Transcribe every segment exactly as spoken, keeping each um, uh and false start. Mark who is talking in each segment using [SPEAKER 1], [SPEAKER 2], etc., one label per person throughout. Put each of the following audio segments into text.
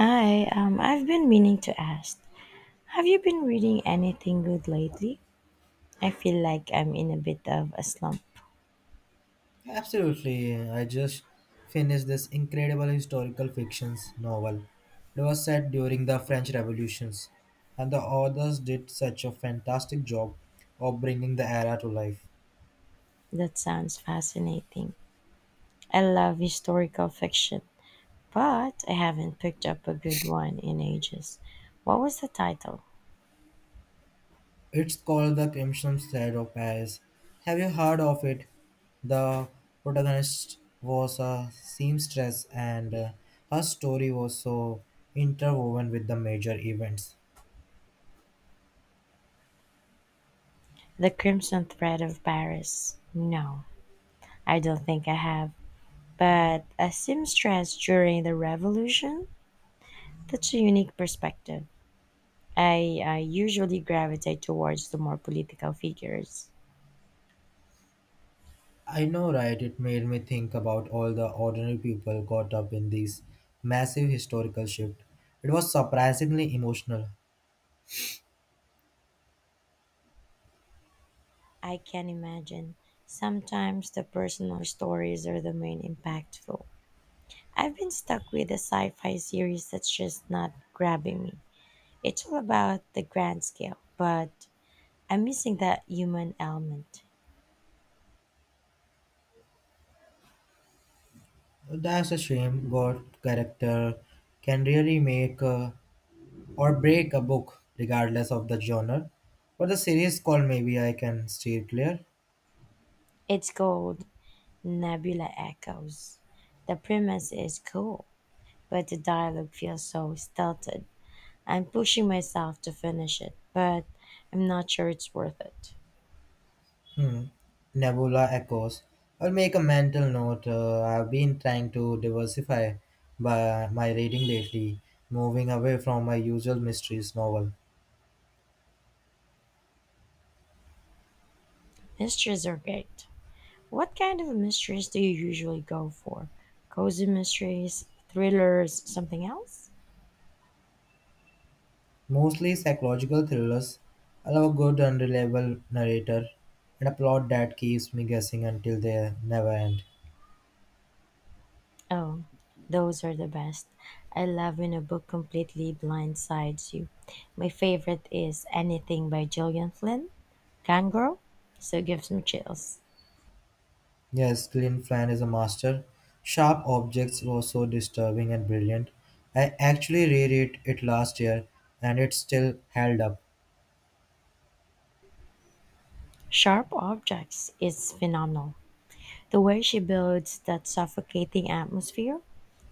[SPEAKER 1] Hi, um, I've been meaning to ask. Have you been reading anything good lately? I feel like I'm in a bit of a slump.
[SPEAKER 2] Absolutely. I just finished this incredible historical fictions novel. It was set during the French Revolutions, and the authors did such a fantastic job of bringing the era to life.
[SPEAKER 1] That sounds fascinating. I love historical fiction, but I haven't picked up a good one in ages. What was the title?
[SPEAKER 2] It's called The Crimson Thread of Paris. Have you heard of it? The protagonist was a seamstress, and uh, her story was so interwoven with the major events.
[SPEAKER 1] The Crimson Thread of Paris. No, I don't think I have. But a seamstress during the Revolution? That's a unique perspective. I uh, usually gravitate towards the more political figures.
[SPEAKER 2] I know, right? It made me think about all the ordinary people caught up in this massive historical shift. It was surprisingly emotional.
[SPEAKER 1] I can imagine. Sometimes the personal stories are the main impactful. I've been stuck with a sci fi series that's just not grabbing me. It's all about the grand scale, but I'm missing that human element.
[SPEAKER 2] That's a shame. God character can really make, uh, or break a book, regardless of the genre. But the series called Maybe I Can Steer Clear.
[SPEAKER 1] It's called Nebula Echoes. The premise is cool, but the dialogue feels so stilted. I'm pushing myself to finish it, but I'm not sure it's worth it.
[SPEAKER 2] Hmm. Nebula Echoes. I'll make a mental note. Uh, I've been trying to diversify by my reading lately, moving away from my usual mysteries novel.
[SPEAKER 1] Mysteries are great. What kind of mysteries do you usually go for? Cozy mysteries, thrillers, something else?
[SPEAKER 2] Mostly psychological thrillers allow a good unreliable narrator and a plot that keeps me guessing until they never end.
[SPEAKER 1] Oh, those are the best. I love when a book completely blindsides you. My favorite is Anything by Gillian Flynn. Gone so gives me chills.
[SPEAKER 2] Yes, Glenn Flan is a master. Sharp Objects was so disturbing and brilliant. I actually reread it last year and it still held up.
[SPEAKER 1] Sharp Objects is phenomenal. The way she builds that suffocating atmosphere,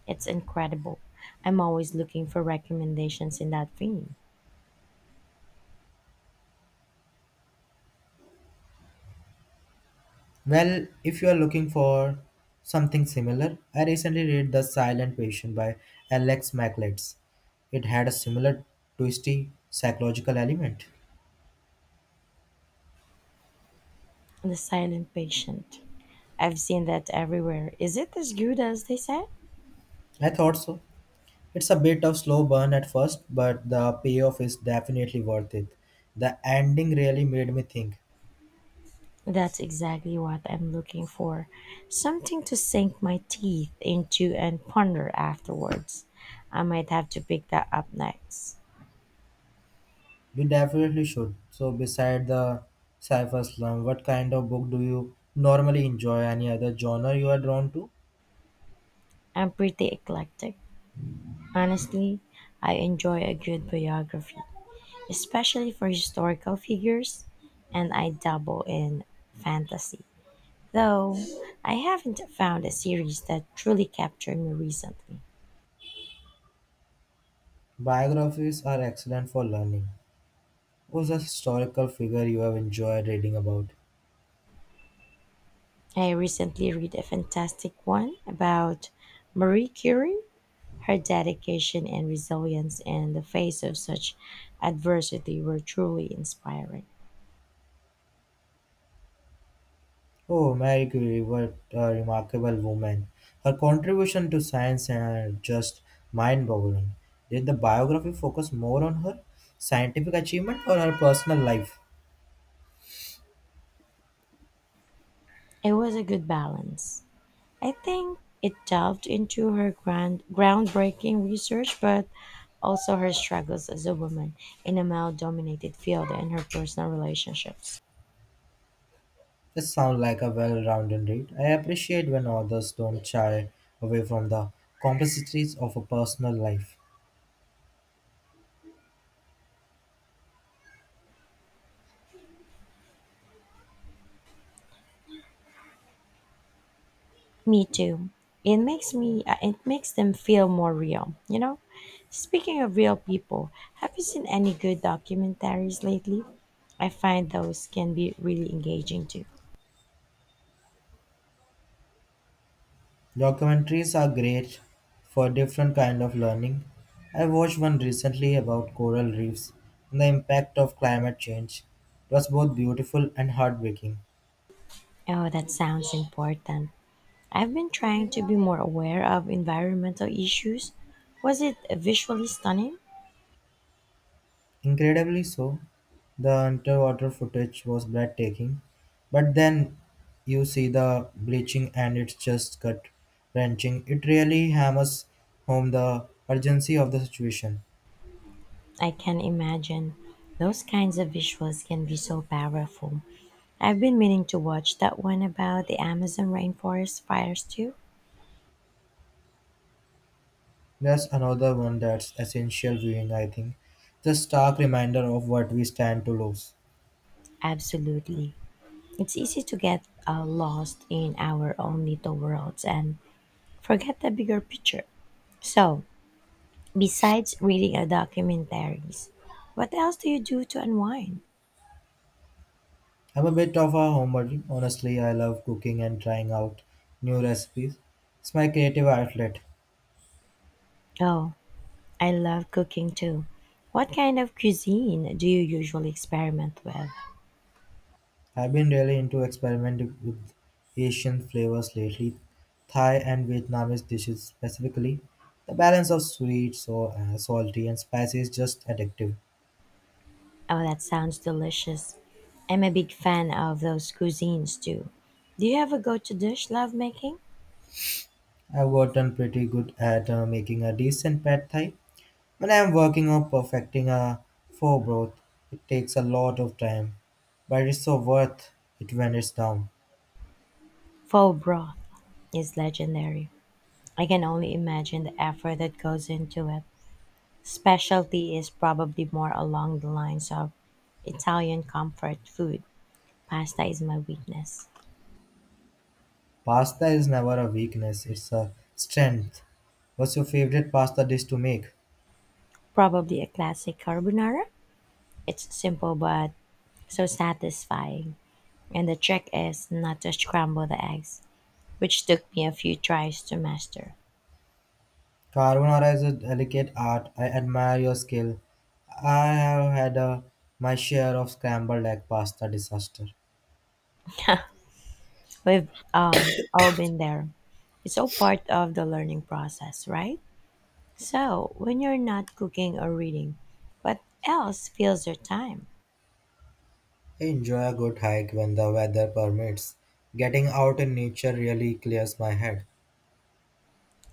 [SPEAKER 1] it's incredible. I'm always looking for recommendations in that vein.
[SPEAKER 2] Well, if you are looking for something similar, I recently read The Silent Patient by Alex Mackletts. It had a similar twisty psychological element.
[SPEAKER 1] The Silent Patient. I've seen that everywhere. Is it as good as they say?
[SPEAKER 2] I thought so. It's a bit of slow burn at first, but the payoff is definitely worth it. The ending really made me think.
[SPEAKER 1] That's exactly what I'm looking for. Something to sink my teeth into and ponder afterwards. I might have to pick that up next.
[SPEAKER 2] We definitely should. So beside the sci-fi slum, what kind of book do you normally enjoy? Any other genre you are drawn to?
[SPEAKER 1] I'm pretty eclectic. Honestly, I enjoy a good biography, especially for historical figures, and I dabble in fantasy. Though I haven't found a series that truly captured me recently.
[SPEAKER 2] Biographies are excellent for learning. Who's a historical figure you have enjoyed reading about?
[SPEAKER 1] I recently read a fantastic one about Marie Curie, her dedication and resilience in the face of such adversity were truly inspiring.
[SPEAKER 2] Oh, Marie Curie, what a remarkable woman. Her contribution to science are just mind boggling. Did the biography focus more on her scientific achievement or her personal life?
[SPEAKER 1] It was a good balance. I think it delved into her grand, groundbreaking research, but also her struggles as a woman in a male dominated field and her personal relationship.
[SPEAKER 2] This sounds like a well rounded read. I appreciate when authors don't shy away from the complexities of a personal life.
[SPEAKER 1] Me too. It makes me uh, it makes them feel more real, you know? Speaking of real people, have you seen any good documentaries lately? I find those can be really engaging too.
[SPEAKER 2] Documentaries are great for different kind of learning. I watched one recently about coral reefs and the impact of climate change. It was both beautiful and heartbreaking.
[SPEAKER 1] Oh, that sounds important. I've been trying to be more aware of environmental issues. Was it visually stunning?
[SPEAKER 2] Incredibly so, the underwater footage was breathtaking, but then you see the bleaching and it's just gut wrenching. It really hammers home the urgency of the situation.
[SPEAKER 1] I can imagine. Those kinds of visuals can be so powerful. I've been meaning to watch that one about the Amazon rainforest fires too.
[SPEAKER 2] That's another one that's essential viewing, I think. The stark reminder of what we stand to lose.
[SPEAKER 1] Absolutely. It's easy to get uh, lost in our own little worlds and forget the bigger picture. So, besides reading uh, documentaries, what else do you do to unwind?
[SPEAKER 2] I'm a bit of a homebody. Honestly, I love cooking and trying out new recipes. It's my creative outlet.
[SPEAKER 1] Oh, I love cooking too. What kind of cuisine do you usually experiment with?
[SPEAKER 2] I've been really into experimenting with Asian flavors lately, Thai and Vietnamese dishes specifically. The balance of sweet, so uh, salty, and spicy is just addictive.
[SPEAKER 1] Oh, that sounds delicious. I'm a big fan of those cuisines too. Do you have a go to dish love making?
[SPEAKER 2] I've gotten pretty good at uh, making a decent pad thai. When I'm working on perfecting a forebroth, it takes a lot of time, but it's so worth it when it's done.
[SPEAKER 1] Faux broth is legendary. I can only imagine the effort that goes into it. Specialty is probably more along the lines of Italian comfort food. Pasta is my weakness.
[SPEAKER 2] Pasta is never a weakness, it's a strength. What's your favorite pasta dish to make?
[SPEAKER 1] Probably a classic carbonara. It's simple but so satisfying. And the trick is not to scramble the eggs, which took me a few tries to master.
[SPEAKER 2] Carbonara is a delicate art. I admire your skill. I have had a, My share of scrambled egg pasta disaster.
[SPEAKER 1] We've um, all been there. It's all part of the learning process, right? So, when you're not cooking or reading, what else fills your time?
[SPEAKER 2] I enjoy a good hike when the weather permits. Getting out in nature really clears my head.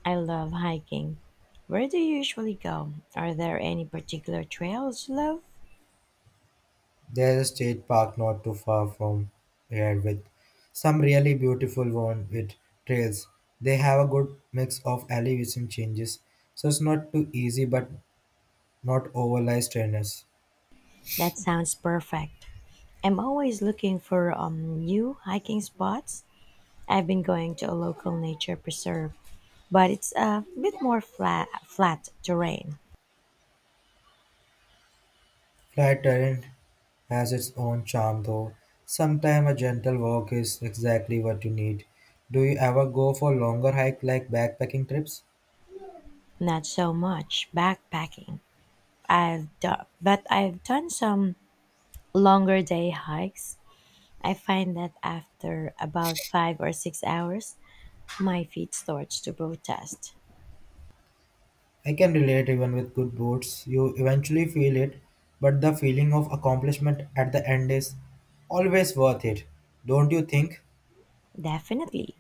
[SPEAKER 1] I love hiking. Where do you usually go? Are there any particular trails you love?
[SPEAKER 2] There's a state park not too far from here with some really beautiful one with trails. They have a good mix of elevation changes, so it's not too easy but not overly strenuous.
[SPEAKER 1] That sounds perfect. I'm always looking for um, new hiking spots. I've been going to a local nature preserve, but it's a bit more flat, flat terrain.
[SPEAKER 2] Flat terrain has its own charm though. Sometimes a gentle walk is exactly what you need. Do you ever go for longer hike like backpacking trips?
[SPEAKER 1] Not so much backpacking. I've done, but I've done some longer day hikes. I find that after about five or six hours, my feet starts to protest.
[SPEAKER 2] I can relate even with good boards. You eventually feel it, but the feeling of accomplishment at the end is always worth it. Don't you think?
[SPEAKER 1] Definitely.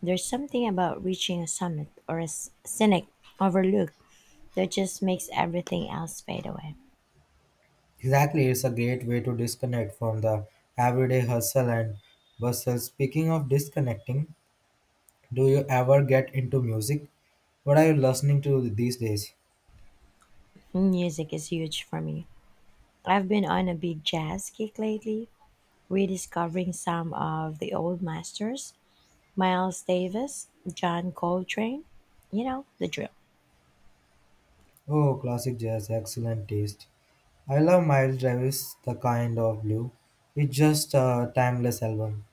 [SPEAKER 1] There's something about reaching a summit or a s- scenic overlook that just makes everything else fade away.
[SPEAKER 2] Exactly, it's a great way to disconnect from the everyday hustle and bustle. Speaking of disconnecting, do you ever get into music? What are you listening to these days?
[SPEAKER 1] Music is huge for me. I've been on a big jazz kick lately, rediscovering some of the old masters Miles Davis, John Coltrane, you know, the drill.
[SPEAKER 2] Oh, classic jazz, excellent taste. I love Miles Davis, The Kind of Blue. It's just a timeless album.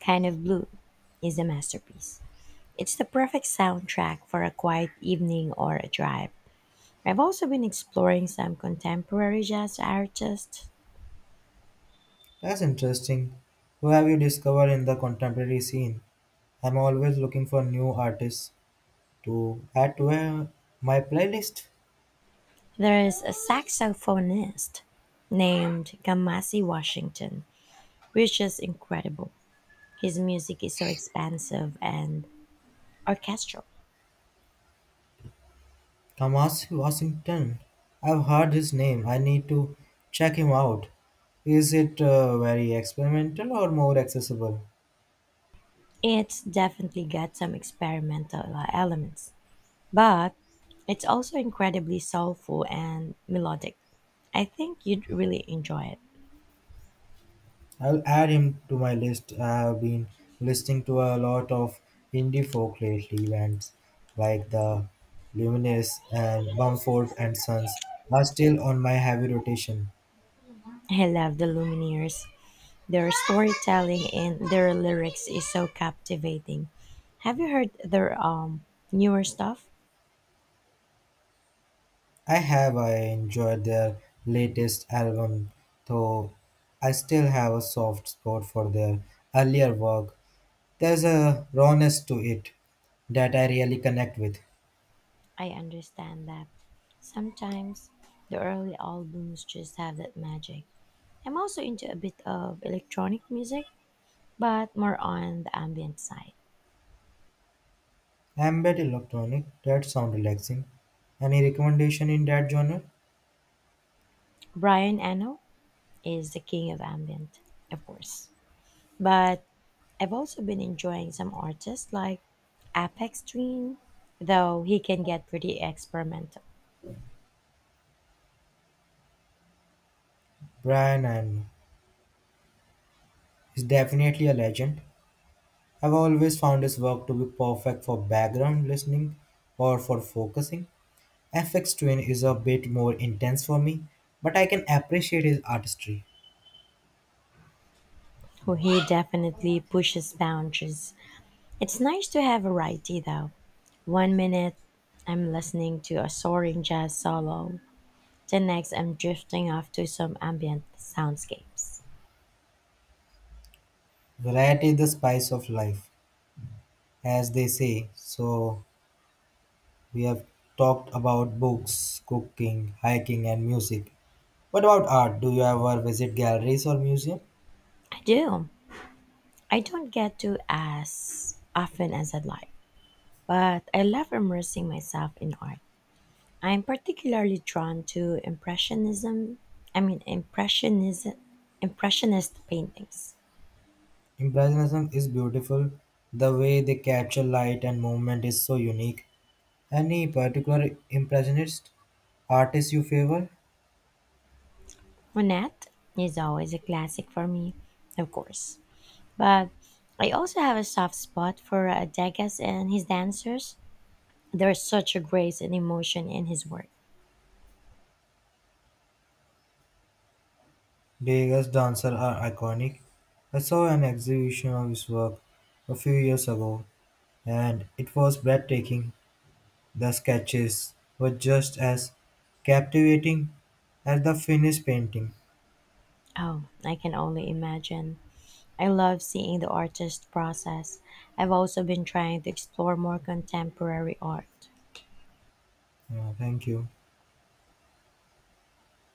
[SPEAKER 1] Kind of Blue is a masterpiece. It's the perfect soundtrack for a quiet evening or a drive. I've also been exploring some contemporary jazz artists.
[SPEAKER 2] That's interesting. Who have you discovered in the contemporary scene? I'm always looking for new artists to add to uh, my playlist.
[SPEAKER 1] There's a saxophonist named Kamasi Washington, which is incredible. His music is so expansive and orchestral.
[SPEAKER 2] Kamasi Washington. I've heard his name. I need to check him out. Is it uh, very experimental or more accessible?
[SPEAKER 1] It's definitely got some experimental elements. But it's also incredibly soulful and melodic. I think you'd really enjoy it.
[SPEAKER 2] I'll add him to my list. I've been listening to a lot of indie folk lately, bands like the Luminous and Mumford and Sons are still on my heavy rotation.
[SPEAKER 1] I love the Lumineers. Their storytelling and their lyrics is so captivating. Have you heard their um newer stuff?
[SPEAKER 2] I have I enjoyed their latest album, though I still have a soft spot for their earlier work. There's a rawness to it that I really connect with.
[SPEAKER 1] I understand that sometimes the early albums just have that magic. I'm also into a bit of electronic music, but more on the ambient side.
[SPEAKER 2] Ambient electronic, that sound relaxing. Any recommendation in that genre?
[SPEAKER 1] Brian Eno is the king of ambient, of course. But I've also been enjoying some artists like Apex Twin, though he can get pretty experimental.
[SPEAKER 2] Brian Eno is definitely a legend. I've always found his work to be perfect for background listening or for focusing. F X Twin is a bit more intense for me, but I can appreciate his artistry.
[SPEAKER 1] Who he definitely pushes boundaries. It's nice to have variety though. One minute I'm listening to a soaring jazz solo, the next I'm drifting off to some ambient soundscapes.
[SPEAKER 2] Variety is the spice of life, as they say. So, we have talked about books, cooking, hiking, and music. What about art? Do you ever visit galleries or museum?
[SPEAKER 1] I do. I don't get to as often as I'd like, but I love immersing myself in art. I'm particularly drawn to impressionism. I mean impressionism impressionist paintings.
[SPEAKER 2] Impressionism is beautiful. The way they capture light and movement is so unique. Any particular impressionist artist you favor?
[SPEAKER 1] Monet is always a classic for me, of course. But I also have a soft spot for uh, Degas and his dancers. There is such a grace and emotion in his work.
[SPEAKER 2] Degas dancer are iconic. I saw an exhibition of his work a few years ago and it was breathtaking. The sketches were just as captivating as the finished painting.
[SPEAKER 1] Oh, I can only imagine. I love seeing the artist process. I've also been trying to explore more contemporary art.
[SPEAKER 2] Yeah, thank you.